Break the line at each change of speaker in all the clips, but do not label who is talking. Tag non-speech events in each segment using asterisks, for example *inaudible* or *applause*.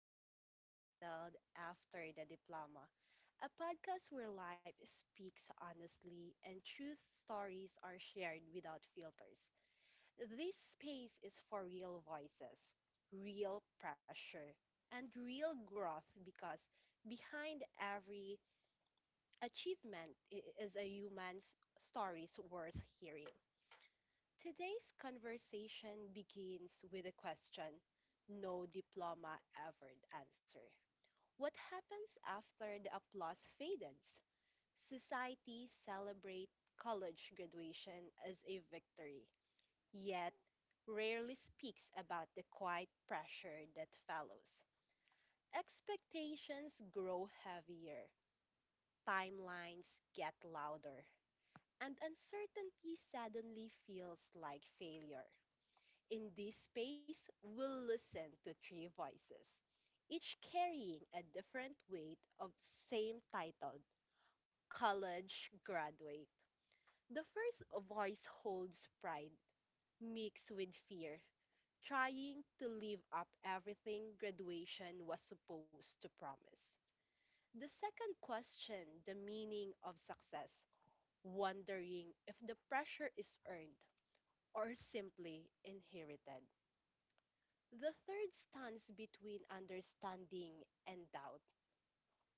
podcast entitled After the Diploma, a podcast where life speaks honestly and truth stories are shared without filters. This space is for real voices, real pressure, and real growth because behind every achievement is a human's stories worth hearing. Today's conversation begins with a question no diploma ever answered. What happens after the applause fades? Society celebrates college graduation as a victory, yet rarely speaks about the quiet pressure that follows. Expectations grow heavier, timelines get louder, and uncertainty suddenly feels like failure. In this space, we'll listen to three voices, each carrying a different weight of same titled college graduate. The first voice holds pride mixed with fear, trying to live up everything graduation was supposed to promise. The second questions the meaning of success, wondering if the pressure is earned or simply inherited. The third stands between understanding and doubt,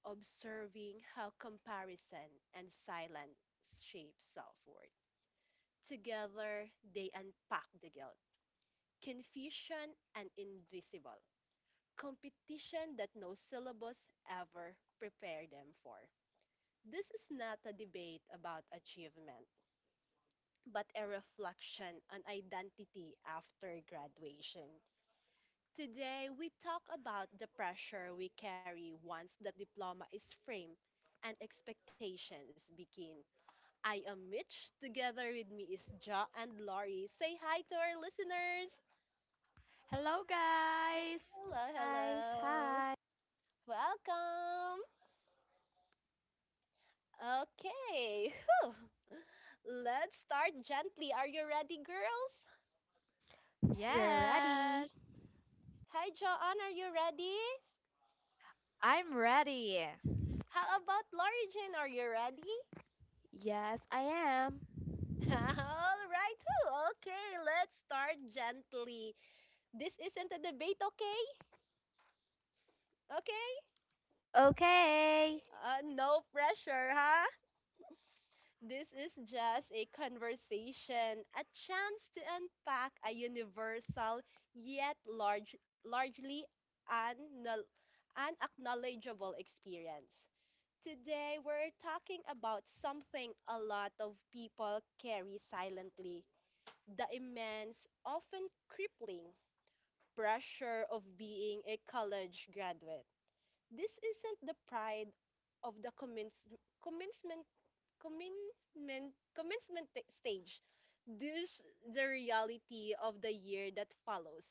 observing how comparison and silence shape self worth. Together, they unpack the guilt, confusion, and invisible competition that no syllabus ever prepared them for. This is not a debate about achievement, but a reflection on identity after graduation. Today, we talk about the pressure we carry once the diploma is framed and expectations begin. I am Mitch. Together with me is Ja and Laurie. Say hi to our listeners.
Hello, guys!
Hello,
Guys.
hello.
Hi.
Welcome. Okay, *laughs* let's start gently. Are you ready, girls?
We're
Yes,
ready.
Hi, Joanne. Are you ready?
I'm ready.
How about Laurie Jane? Are you ready?
Yes, I am.
*laughs* All right. Whew. Okay, let's start gently. This isn't a debate, okay? Okay?
Okay.
No pressure, huh? This is just a conversation, a chance to unpack a universal yet largely unknown unacknowledgeable experience. Today, we're talking about something a lot of people carry silently the immense, often crippling pressure of being a college graduate. This isn't the pride of the commencement stage. This the reality of the year that follows.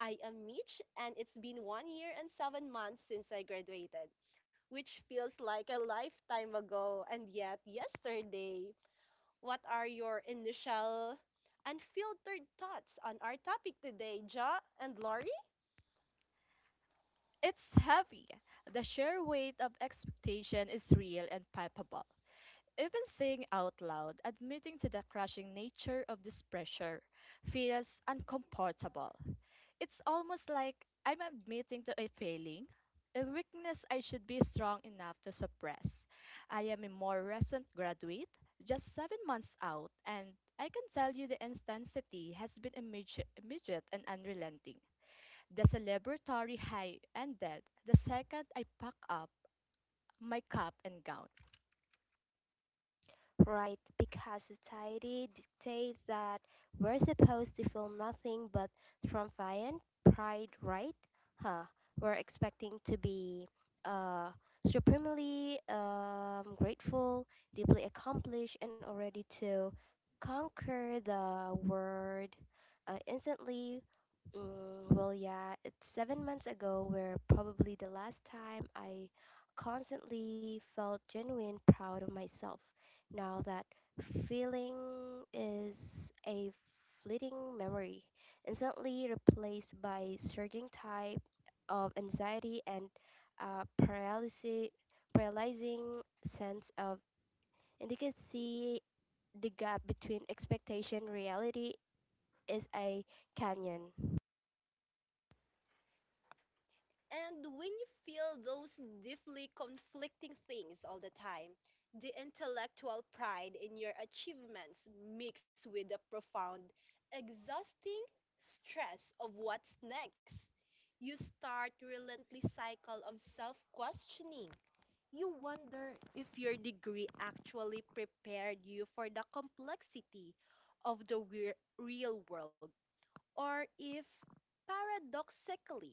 I am Mitch and it's been 1 year and 7 months since I graduated, which feels like a lifetime ago and yet yesterday. What are your initial unfiltered thoughts on our topic today, Ja and Laurie?
It's heavy. The sheer weight of expectation is real and palpable. Even saying out loud, admitting to the crushing nature of this pressure, feels uncomfortable. It's almost like I'm admitting to a failing, a weakness I should be strong enough to suppress. I am a more recent graduate, just 7 months out, and I can tell you the intensity has been immediate and unrelenting. The celebratory high ended the second I pack up my cup and gown.
Right, because society dictates that we're supposed to feel nothing but triumphant pride, right? Huh. We're expecting to be uh supremely grateful, deeply accomplished and already to conquer the world instantly. Mm, well, yeah, it's 7 months ago where probably the last time I constantly felt genuine proud of myself. Now that feeling is a fleeting memory, instantly replaced by surging type of anxiety and paralysis, paralyzing sense of inadequacy. The gap between expectation and reality is a canyon.
And when you feel those deeply conflicting things all the time, the intellectual pride in your achievements mixed with the profound, exhausting stress of what's next, you start relentless cycle of self-questioning. You wonder if your degree actually prepared you for the complexity of the real world or if paradoxically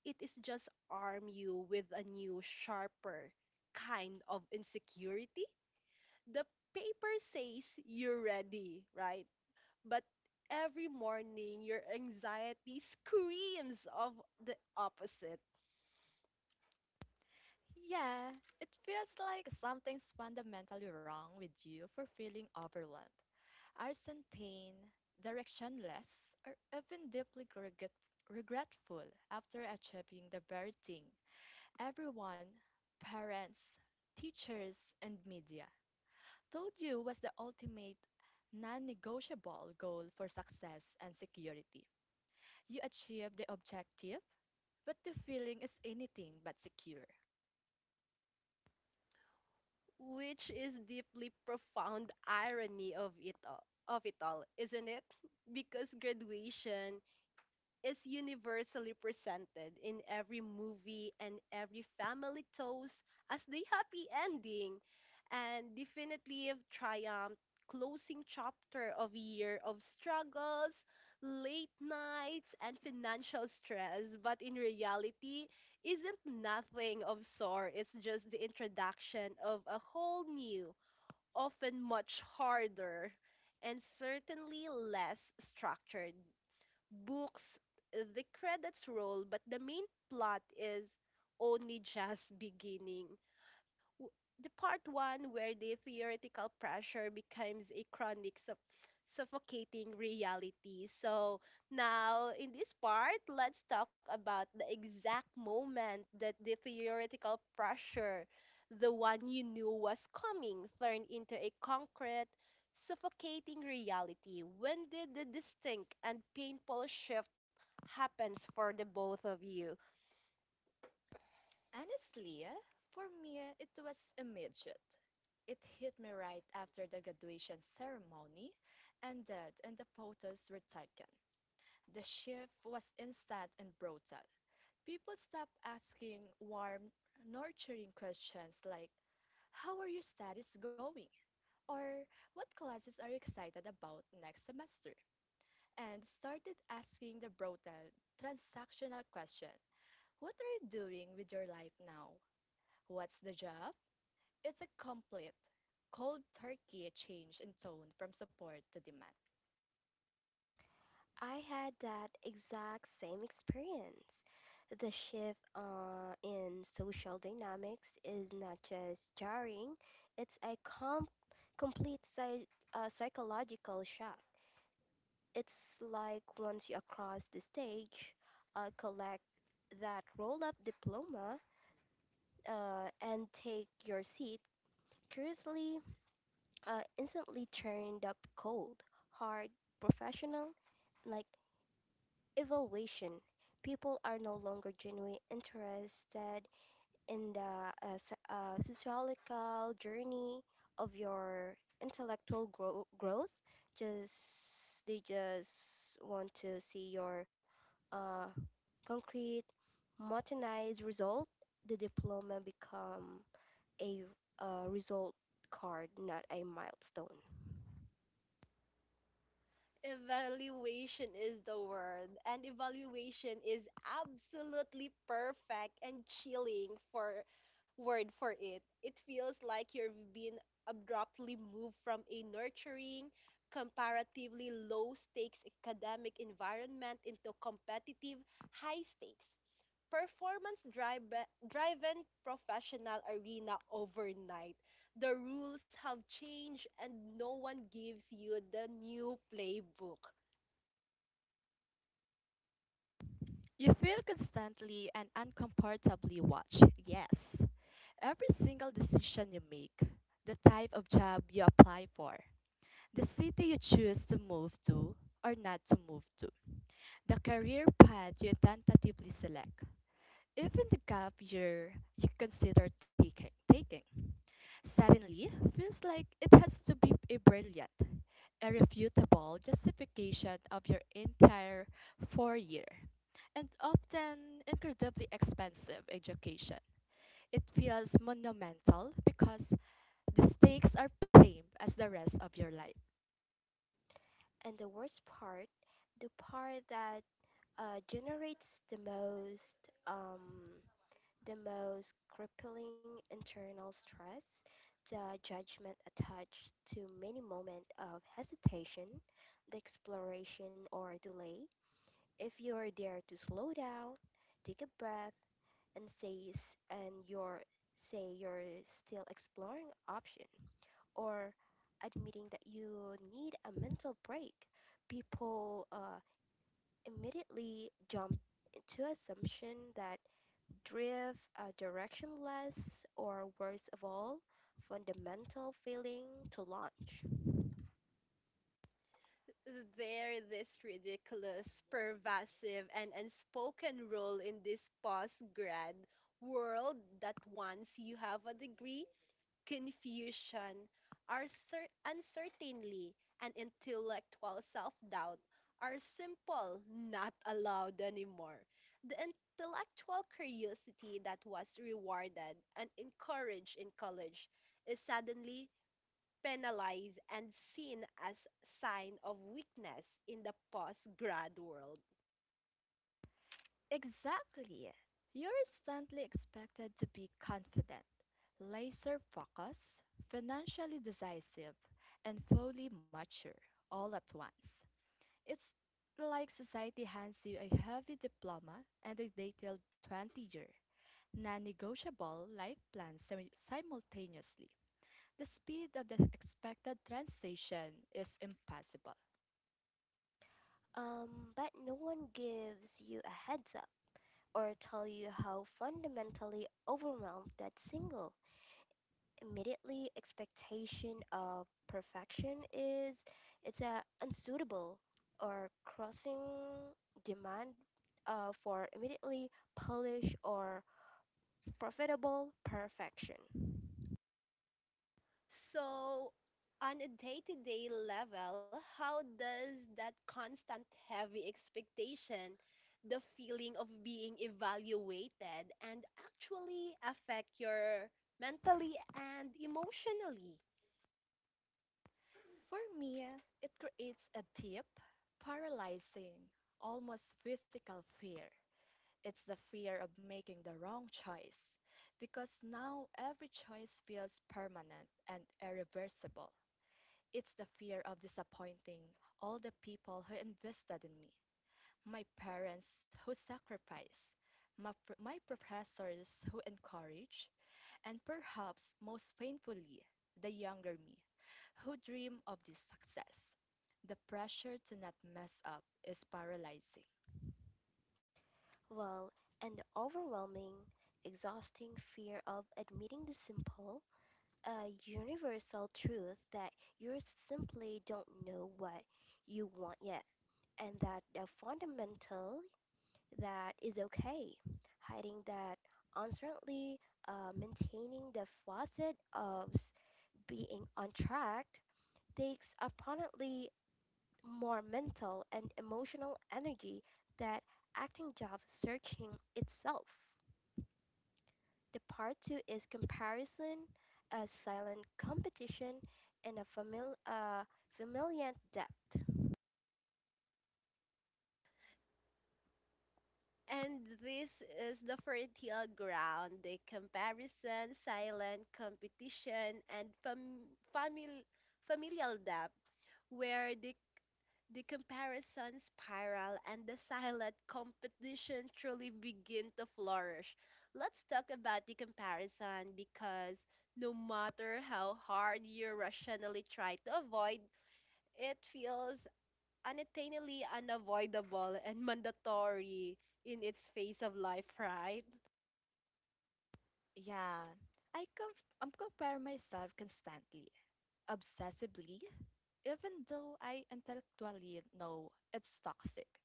it is just arm you with a new sharper kind of insecurity the paper says you're ready right but every morning your anxiety screams of the opposite
Yeah, it feels like something's fundamentally wrong with you for feeling overwhelmed. Arsentane, directionless, or even deeply regretful after achieving the very thing everyone, parents, teachers, and media told you was the ultimate non negotiable goal for success and security. You achieve the objective, but the feeling is anything but secure.
which is deeply profound irony of it all, isn't it. *laughs* Because graduation is universally presented in every movie and every family toast as the happy ending and definitive triumph closing chapter of a year of struggles, late nights, and financial stress, but in reality isn't nothing of sort. It's just the introduction of a whole new, often much harder, and certainly less structured books, the credits roll, but the main plot is only just beginning w- the part one where the theoretical pressure becomes a chronic suffocating reality. So now in this part, let's talk about the exact moment that the theoretical pressure, the one you knew was coming, turned into a concrete suffocating reality. When did the distinct and painful shift happens for the both of you?
Honestly, for me, it was immediate. It hit me right after the graduation ceremony ended and the photos were taken. The shift was instant and brutal. People stopped asking warm, nurturing questions like, "How are your studies going?" Or, "What classes are you excited about next semester?" And started asking the brutal, transactional question: "What are you doing with your life now? What's the job?" It's a complete, cold turkey change in tone from support to demand.
I had that exact same experience. The shift in social dynamics is not just jarring, it's a complete psychological shock. It's like once you cross the stage, collect that roll up diploma, and take your seat, curiously, instantly turned up cold, hard, professional, like evaluation. People are no longer genuinely interested in the sociological journey of your intellectual growth. Just they just want to see your uh, concrete, motorized result. The diploma become a result card, not a milestone.
Evaluation is the word, and evaluation is absolutely perfect and chilling for word for it. It feels like you've been abruptly moved from a nurturing, comparatively low stakes academic environment into competitive, high stakes performance driven professional arena overnight. The rules have changed and no one gives you the new playbook.
You feel constantly and uncomfortably watched, yes. Every single decision you make, the type of job you apply for, the city you choose to move to or not to move to, the career path you tentatively select, even the gap year you consider taking, suddenly feels like it has to be a brilliant irrefutable justification of your entire 4 year and often incredibly expensive education. It feels monumental because the stakes are same as the rest of your life.
And the worst part, the part that generates the most um, the most crippling internal stress, the judgment attached to many moment of hesitation, the exploration or delay. If you are there to slow down, take a breath, and say and you're say you're still exploring option or admitting that you need a mental break, people immediately jump to assumption that drift, directionless, or worst of all, fundamental failing to launch.
There, this ridiculous, pervasive, and unspoken role in this post grad world that once you have a degree, confusion, uncertainty, and intellectual self doubt are simple, not allowed anymore. The intellectual curiosity that was rewarded and encouraged in college is suddenly penalized and seen as sign of weakness in the post grad world.
Exactly. You're instantly expected to be confident, laser focused, financially decisive, and fully mature all at once. It's like society hands you a heavy diploma and a detailed 20-year, non negotiable life plan simultaneously. The speed of the expected transition is impossible.
Um, but no one gives you a heads up or tell you how fundamentally overwhelmed that single immediately expectation of perfection is it's a unsuitable or crossing demand for immediately polish or profitable perfection.
So, on a day to day level, how does that constant heavy expectation, the feeling of being evaluated, and actually affect your mentally and emotionally?
For me, it creates a deep, paralyzing, almost physical fear. It's the fear of making the wrong choice because now every choice feels permanent and irreversible. It's the fear of disappointing all the people who invested in me: my parents who sacrificed, my professors who encouraged, and perhaps most painfully, the younger me who dream of this success. The pressure to not mess up is paralyzing.
Well, and the overwhelming, exhausting fear of admitting the simple, a universal truth that you simply don't know what you want yet, and that the fundamental that is okay, hiding that uncertainty, maintaining the facet of being on track takes apparently more mental and emotional energy that acting job searching itself. The part two is comparison, a silent competition, and a familial depth.
And this is the fertile ground, the comparison, silent competition, and familial depth, where the comparison spiral and the silent competition truly begin to flourish. Let's talk about the comparison because no matter how hard you rationally try to avoid, it feels unattainably unavoidable and mandatory in its phase of life, right?
Yeah, I'm compare myself constantly, obsessively, even though I intellectually know it's toxic,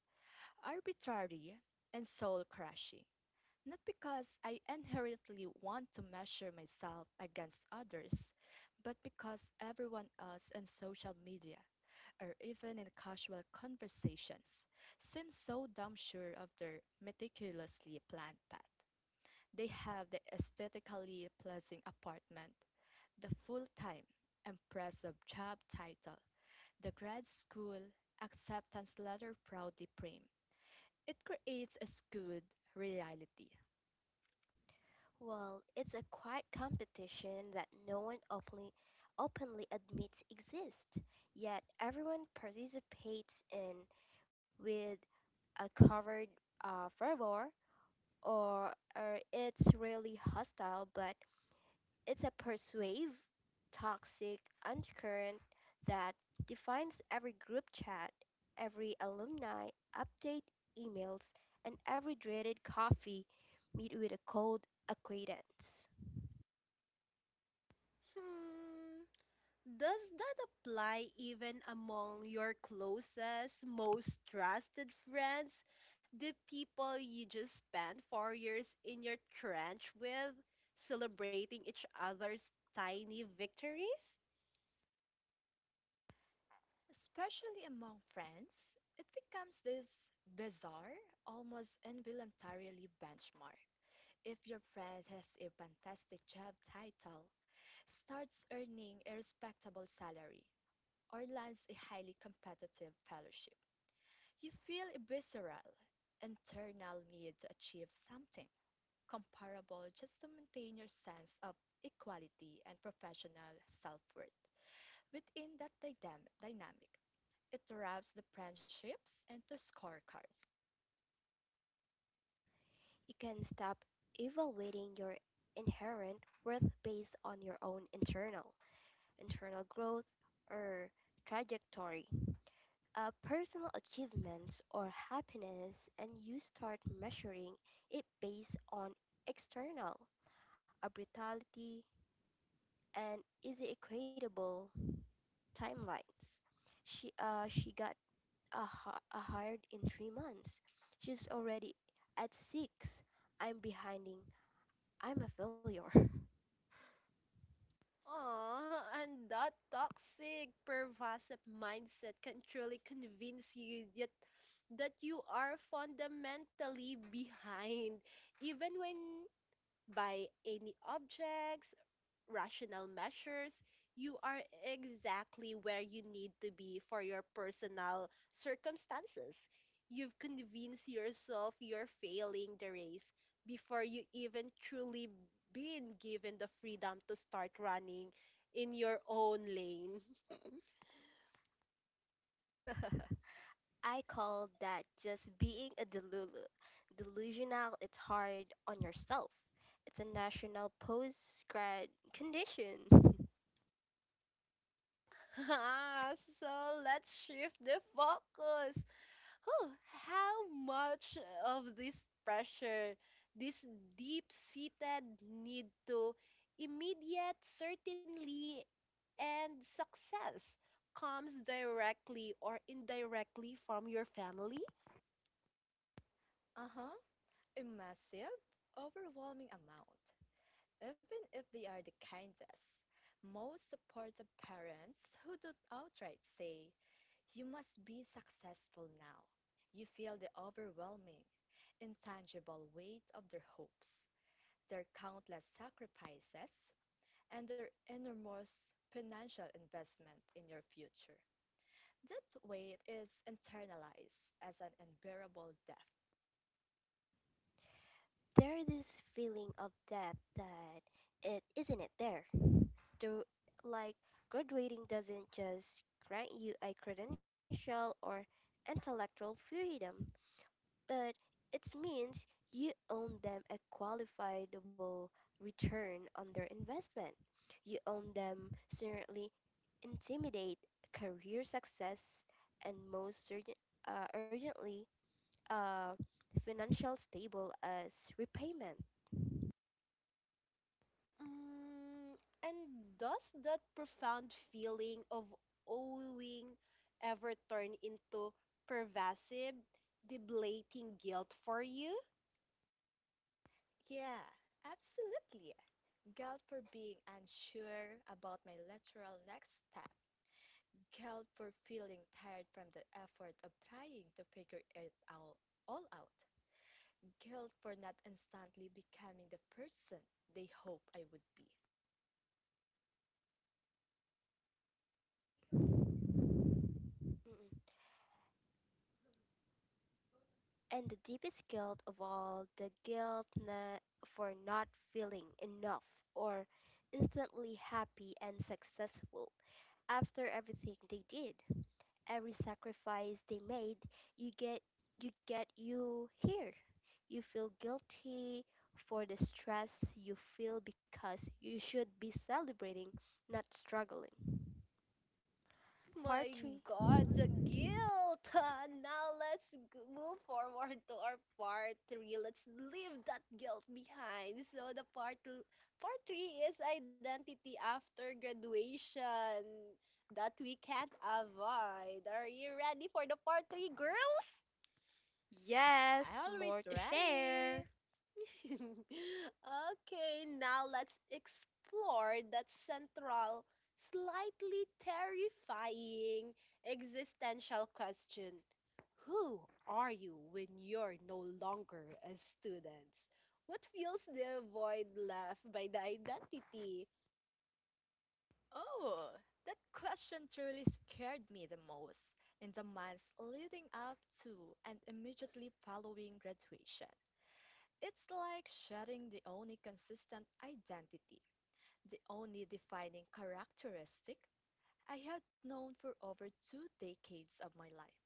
arbitrary and soul crushing, not because I inherently want to measure myself against others, but because everyone else on social media, or even in casual conversations, seems so damn sure of their meticulously planned path. They have the aesthetically pleasing apartment, the full time, impressive job title, the grad school acceptance letter proudly framed. It creates a skewed reality.
Well, it's a quiet competition that no one openly admits exists, yet everyone participates in with a covered fervor, or it's really hostile but it's a persuasive, toxic undercurrent that defines every group chat, every alumni update emails, and every dreaded coffee meet with a cold acquaintance.
Hmm. Does that apply even among your closest, most trusted friends? The people you just spent 4 years in your trench with, celebrating each other's tiny victories?
Especially among friends, it becomes this bizarre, almost involuntarily benchmark. If your friend has a fantastic job title, starts earning a respectable salary, or lands a highly competitive fellowship, you feel a visceral, internal need to achieve something comparable just to maintain your sense of equality and professional self worth. Within that dynamic, it wraps the friendships into scorecards.
You can stop evaluating your inherent worth based on your own internal growth or trajectory personal achievements or happiness and you start measuring it based on external brutality and easy equatable timelines. She got a hired in 3 months. She's already at six. I'm behinding. I'm a failure.
Aw, and that toxic, pervasive mindset can truly convince you that you are fundamentally behind, even when by any objects, rational measures, you are exactly where you need to be for your personal circumstances. You've convinced yourself you're failing the race before you even truly been given the freedom to start running in your own lane.
*laughs* I call that just being a delulu. Delusional, it's hard on yourself. It's a national post grad condition. *laughs*
*laughs* So let's shift the focus. Oh, how much of this pressure, this deep seated need to immediate certainty and success comes directly or indirectly from your family?
Uh huh, a massive, overwhelming amount. Even if they are the kindest, most supportive parents who don't outright say, "You must be successful now." You feel the overwhelming, intangible weight of their hopes, their countless sacrifices, and their enormous financial investment in your future. That weight is internalized as an unbearable debt.
there is this feeling of depth that it isn't it there. The, like graduating doesn't just grant you a credential or intellectual freedom. But it means you own them a qualifiable return on their investment. You own them certainly intimidate career success and most urgently uh, financial stable as repayment.
Mm, and does that profound feeling of owing ever turn into pervasive, debilitating guilt for you?
Yeah, absolutely. Guilt for being unsure about my literal next step. Guilt for feeling tired from the effort of trying to figure it out all out. Guilt for not instantly becoming the person they hope I would be.
Mm-mm. And the deepest guilt of all, the guilt for not feeling enough or instantly happy and successful after everything they did. Every sacrifice they made, you get you get you here. You feel guilty for the stress you feel because you should be celebrating, not struggling. Part
My
3.
God, the guilt! *laughs* Now let's move forward to our part three. Let's leave that guilt behind. So the part three is identity after graduation that we can't avoid. Are you ready for the part three, girls?
Yes,
Always
more to
ready.
share.
*laughs* Okay, now let's explore that central, slightly terrifying existential question. Who are you when you're no longer a student? What fills the void left by the identity?
Oh, that question truly scared me the most in the months leading up to and immediately following graduation. It's like shedding the only consistent identity, the only defining characteristic I had known for over 2 decades of my life.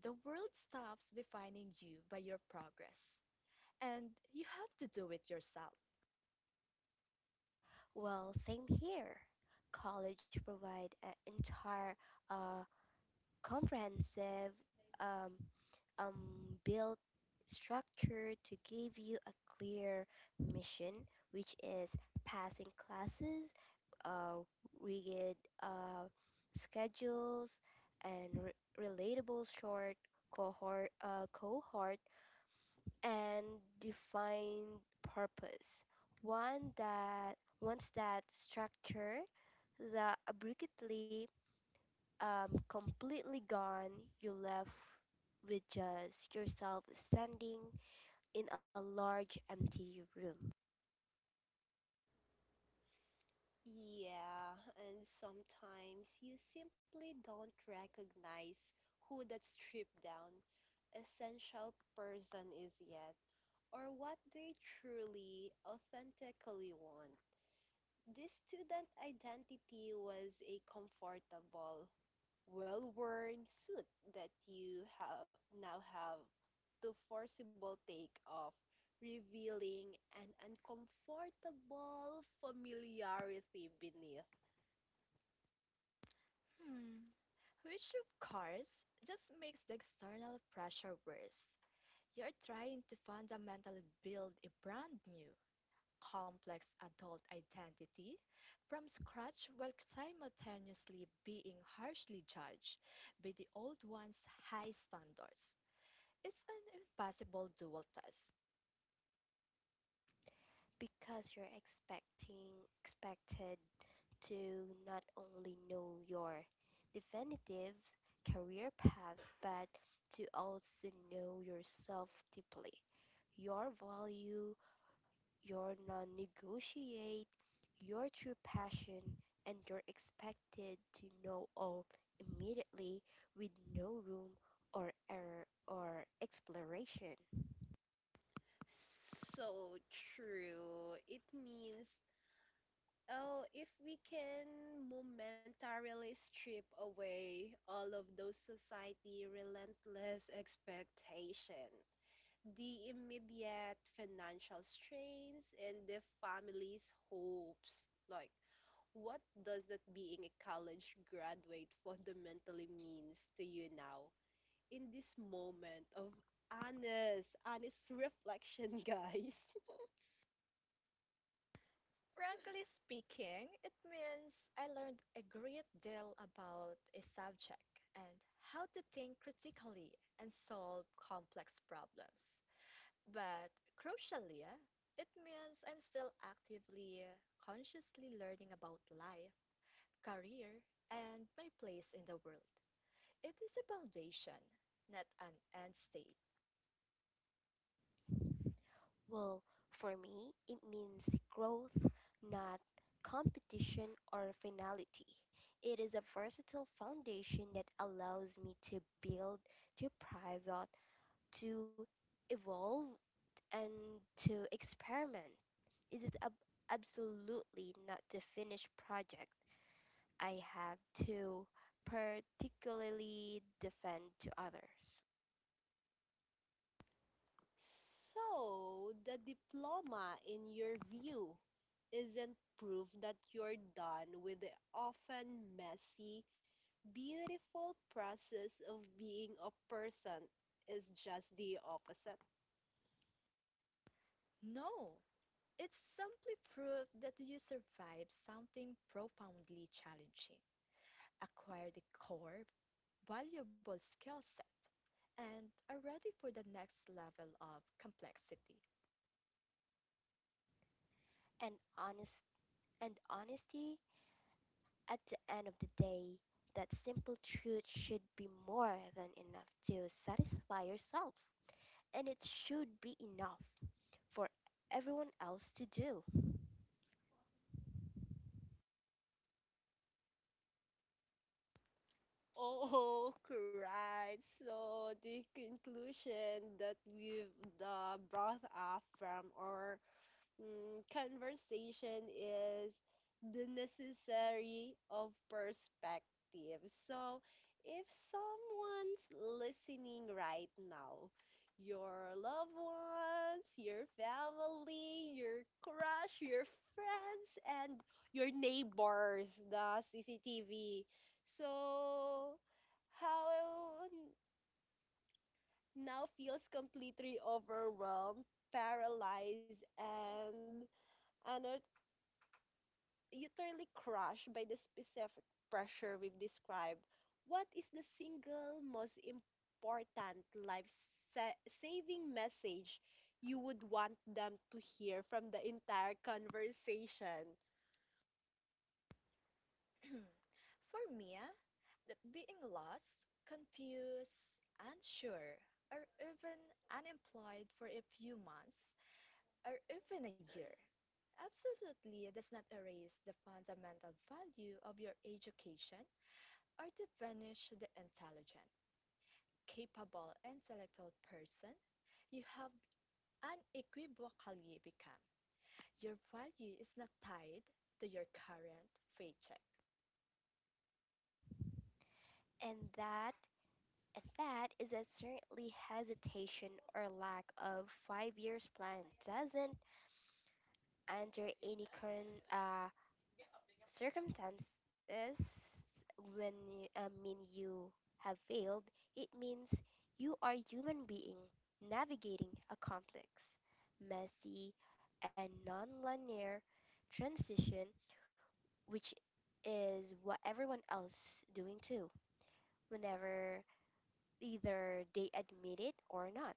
The world stops defining you by your progress, and you have to do it yourself.
Well, same here. College provide an entire uh, comprehensive um, build structure to give you a clear mission, which is passing classes, uh, rigid uh, schedules, and relatable short cohort, and defined purpose. One that once that structure, the abruptly completely gone, you left with just yourself standing in a large empty room
Yeah, and sometimes you simply don't recognize who that stripped down essential person is yet, or what they truly, authentically want. This student identity was a comfortable, well worn suit that you have now have to forcible take off, revealing an uncomfortable familiarity beneath.
Hmm. Which, of course, just makes the external pressure worse. You're trying to fundamentally build a brand new, complex adult identity from scratch while simultaneously being harshly judged by the old one's high standards. It's an impossible dual test.
because you're expecting expected to not only know your definitive career path but to also know yourself deeply your value your non negotiate, your true passion, and you're expected to know all immediately with no room or error or exploration.
So true. It means Oh, if we can momentarily strip away all of those society relentless expectation, the immediate financial strains and the family's hopes. Like, what does that being a college graduate fundamentally means to you now in this moment of honest reflection, guys? *laughs*
Frankly speaking, it means I learned a great deal about a subject and how to think critically and solve complex problems. But crucially, it means I'm still actively, consciously learning about life, career, and my place in the world. It is a foundation, not an end state.
Well, for me, it means growth, not competition or finality. It is a versatile foundation that allows me to build, to private, to evolve, and to experiment. It is absolutely not the finished project I have to particularly defend to others.
So, the diploma, in your view, isn't proof that you're done with the often messy, beautiful process of being a person. It's just the opposite. *laughs*
No, it's simply proof that you survived something profoundly challenging, acquired a core, valuable skill set, and are ready for the next level of complexity.
And honest and honesty at the end of the day, that simple truth should be more than enough to satisfy yourself. And it should be enough for everyone else to do.
Oh, right. So, the conclusion that we've brought up from our conversation is the necessary of perspective. So, if someone's listening right now, your loved ones, your family, your crush, your friends, and your neighbors, the CCTV. So, how now feels completely overwhelmed, paralyzed, and ano utterly crushed by the specific pressure we've described, what is the single most important life sa- saving message you would want them to hear from the entire conversation?
*clears throat* For me, that being lost, confused, unsure, or even unemployed for a few months or even a year absolutely does not erase the fundamental value of your education or diminish the intelligent, capable, intellectual person you have unequivocally become. Your value is not tied to your current paycheck.
And that and that is that certainly hesitation or lack of 5 years plan doesn't under any current circumstances, when you, I mean you have failed, it means you are a human being navigating a complex, messy, and non-linear transition, which is what everyone else doing too, whenever either they admit it or not.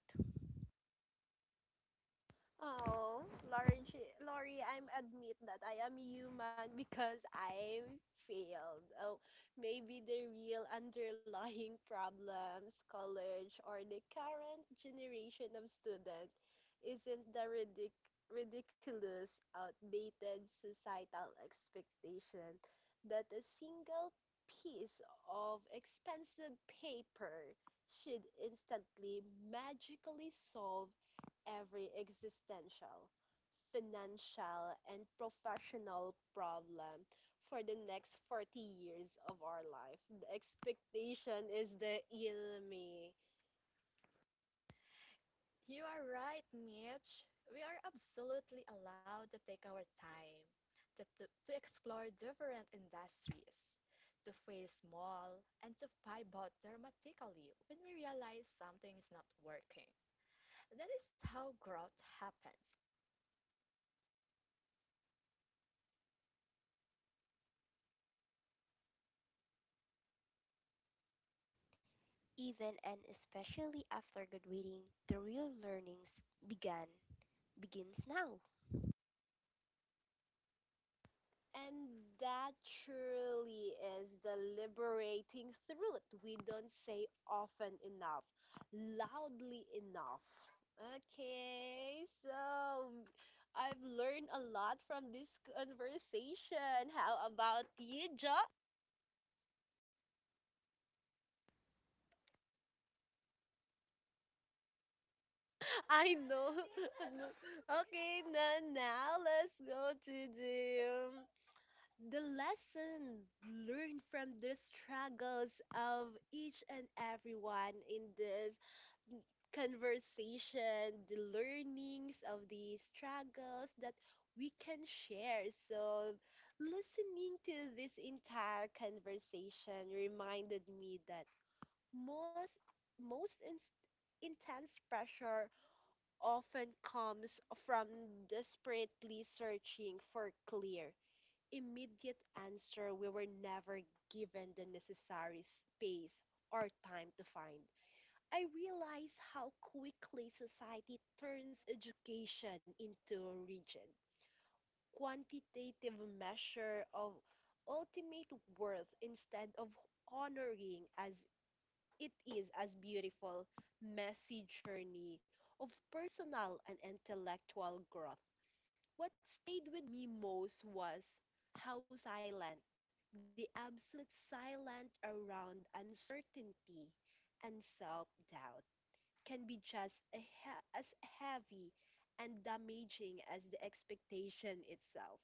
Oh, Lori, I'm admit that I am human because I failed. Oh, maybe the real underlying *laughs* problems college or the current generation of student isn't the ridiculous, outdated societal expectation that a single piece of expensive paper should instantly magically solve every existential, financial, and professional problem for the next 40 years of our life. The expectation is the enemy.
You are right, Mitch. We are absolutely allowed to take our time, to explore different industries, to face small, and to pivot dramatically when we realize something is not working. That is how growth happens.
Even and especially after graduating, the real learnings began begins now.
And that truly is the liberating truth we don't say often enough, loudly enough. Okay, so I've learned a lot from this conversation. How about you, John? I know. *laughs* No. Okay, now let's go to the lesson learned from the struggles of each and everyone in this conversation, the learnings of the struggles that we can share. So, listening to this entire conversation reminded me that most intense pressure often comes from desperately searching for clear, immediate answer we were never given the necessary space or time to find. I realize how quickly society turns education into a rigid, quantitative measure of ultimate worth instead of honoring as it is as beautiful, messy journey of personal and intellectual growth. What stayed with me most was how silent, the absolute silent around uncertainty and self-doubt can be just as heavy and damaging as the expectation itself.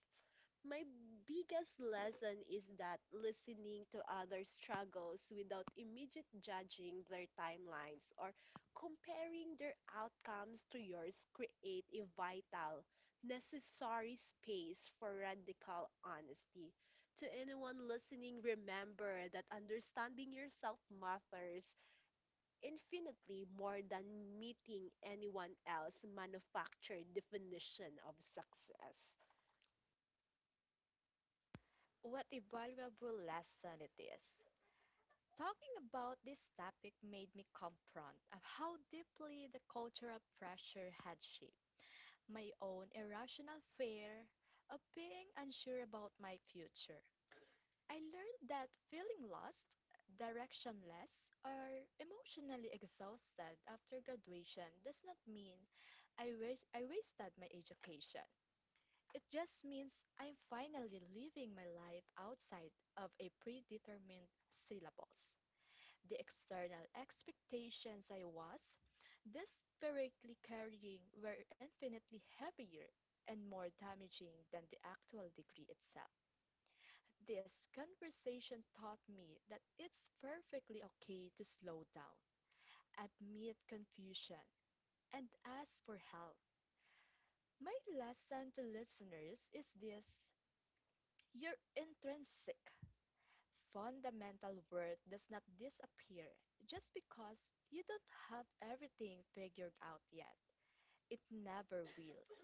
My biggest lesson is that listening to others' struggles without immediate judging their timelines or comparing their outcomes to yours create a vital, necessary space for radical honesty. To anyone listening, remember that understanding yourself matters infinitely more than meeting anyone else manufactured definition of success.
What a valuable lesson it is. Talking about this topic made me confront of how deeply the cultural pressure had shaped my own irrational fear of being unsure about my future. I learned that feeling lost, directionless, or emotionally exhausted after graduation does not mean I wasted my education. It just means I'm finally living my life outside of a predetermined syllabus. The external expectations I was desperately carrying were infinitely heavier and more damaging than the actual degree itself. This conversation taught me that it's perfectly okay to slow down, admit confusion, and ask for help. My lesson to listeners is this: your intrinsic fundamental worth does not disappear just because you don't have everything figured out yet. It never will.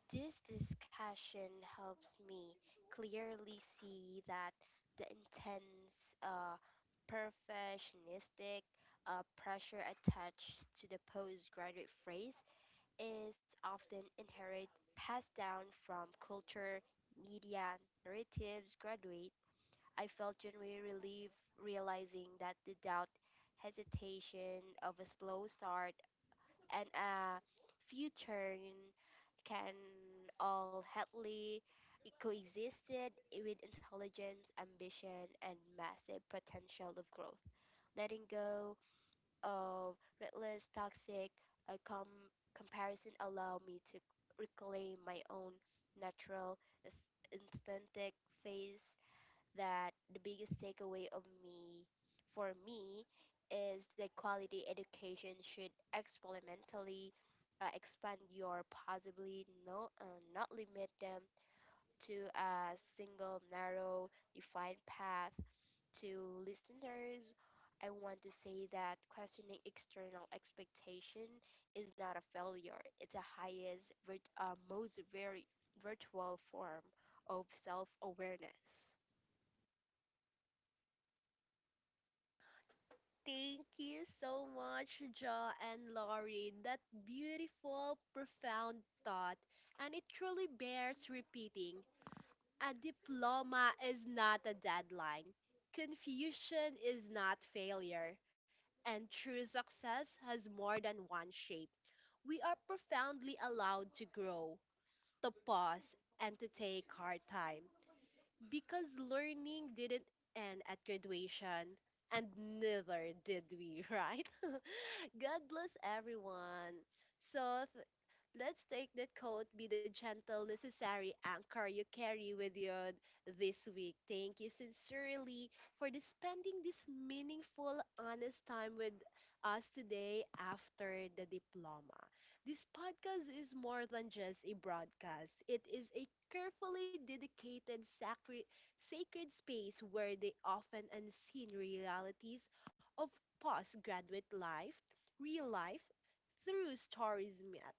This discussion helps me clearly see that the intense, uh, perfectionistic pressure attached to the postgraduate phrase is often inherent, passed down from culture, media, narratives. Graduate, I felt genuine relief realizing that the doubt, hesitation of a slow start, and a future can all healthily coexisted with intelligence, ambition, and massive potential of growth. Letting go of reckless, toxic uh, com- comparison allow me to reclaim my own natural, aesthetic face that the biggest takeaway of me for me is that quality education should experimentally expand your possibly not limit them to a single narrow defined path to listeners I want to say that questioning external expectation is not a failure it's a highest virt- most very virtual form of self-awareness.
Thank you so much, Jo and Laurie. That beautiful, profound thought, and it truly bears repeating. A diploma is not a deadline. Confusion is not failure. And true success has more than one shape. We are profoundly allowed to grow to pause and to take hard time because learning didn't end at graduation and neither did we, *laughs* right? *laughs* God bless everyone. So, let's take that quote be the gentle, necessary anchor you carry with you this week. Thank you sincerely for the spending this meaningful, honest time with us today after the diploma. This podcast is more than just a broadcast, it is a carefully dedicated sacred space where the often unseen realities of postgraduate life, real life, through stories met.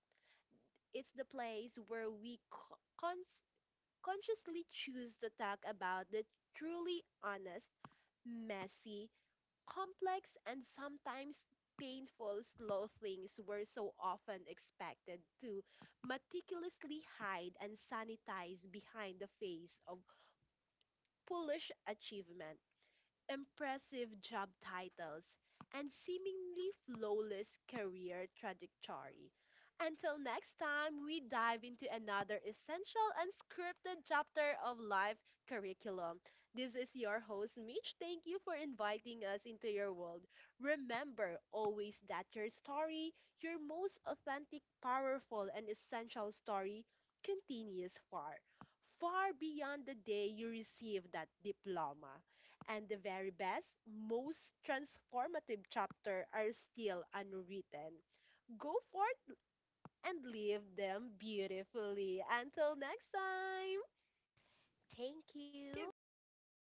It's the place where we consciously choose to talk about the truly honest, messy, complex, and sometimes painful, slow things we're so often expected to meticulously hide and sanitize behind the face of foolish achievement impressive job titles, and seemingly flawless career trajectory. Until next time, we dive into another essential unscripted chapter of life curriculum. This is your host, Mitch. Thank you for inviting us into your world. Remember always that your story, your most authentic, powerful, and essential story, continues far, far beyond the day you receive that diploma and the very best, most transformative chapter are still unwritten. Go forth and live them beautifully. Until next time!
Thank you.
Thank you
I hope
guys!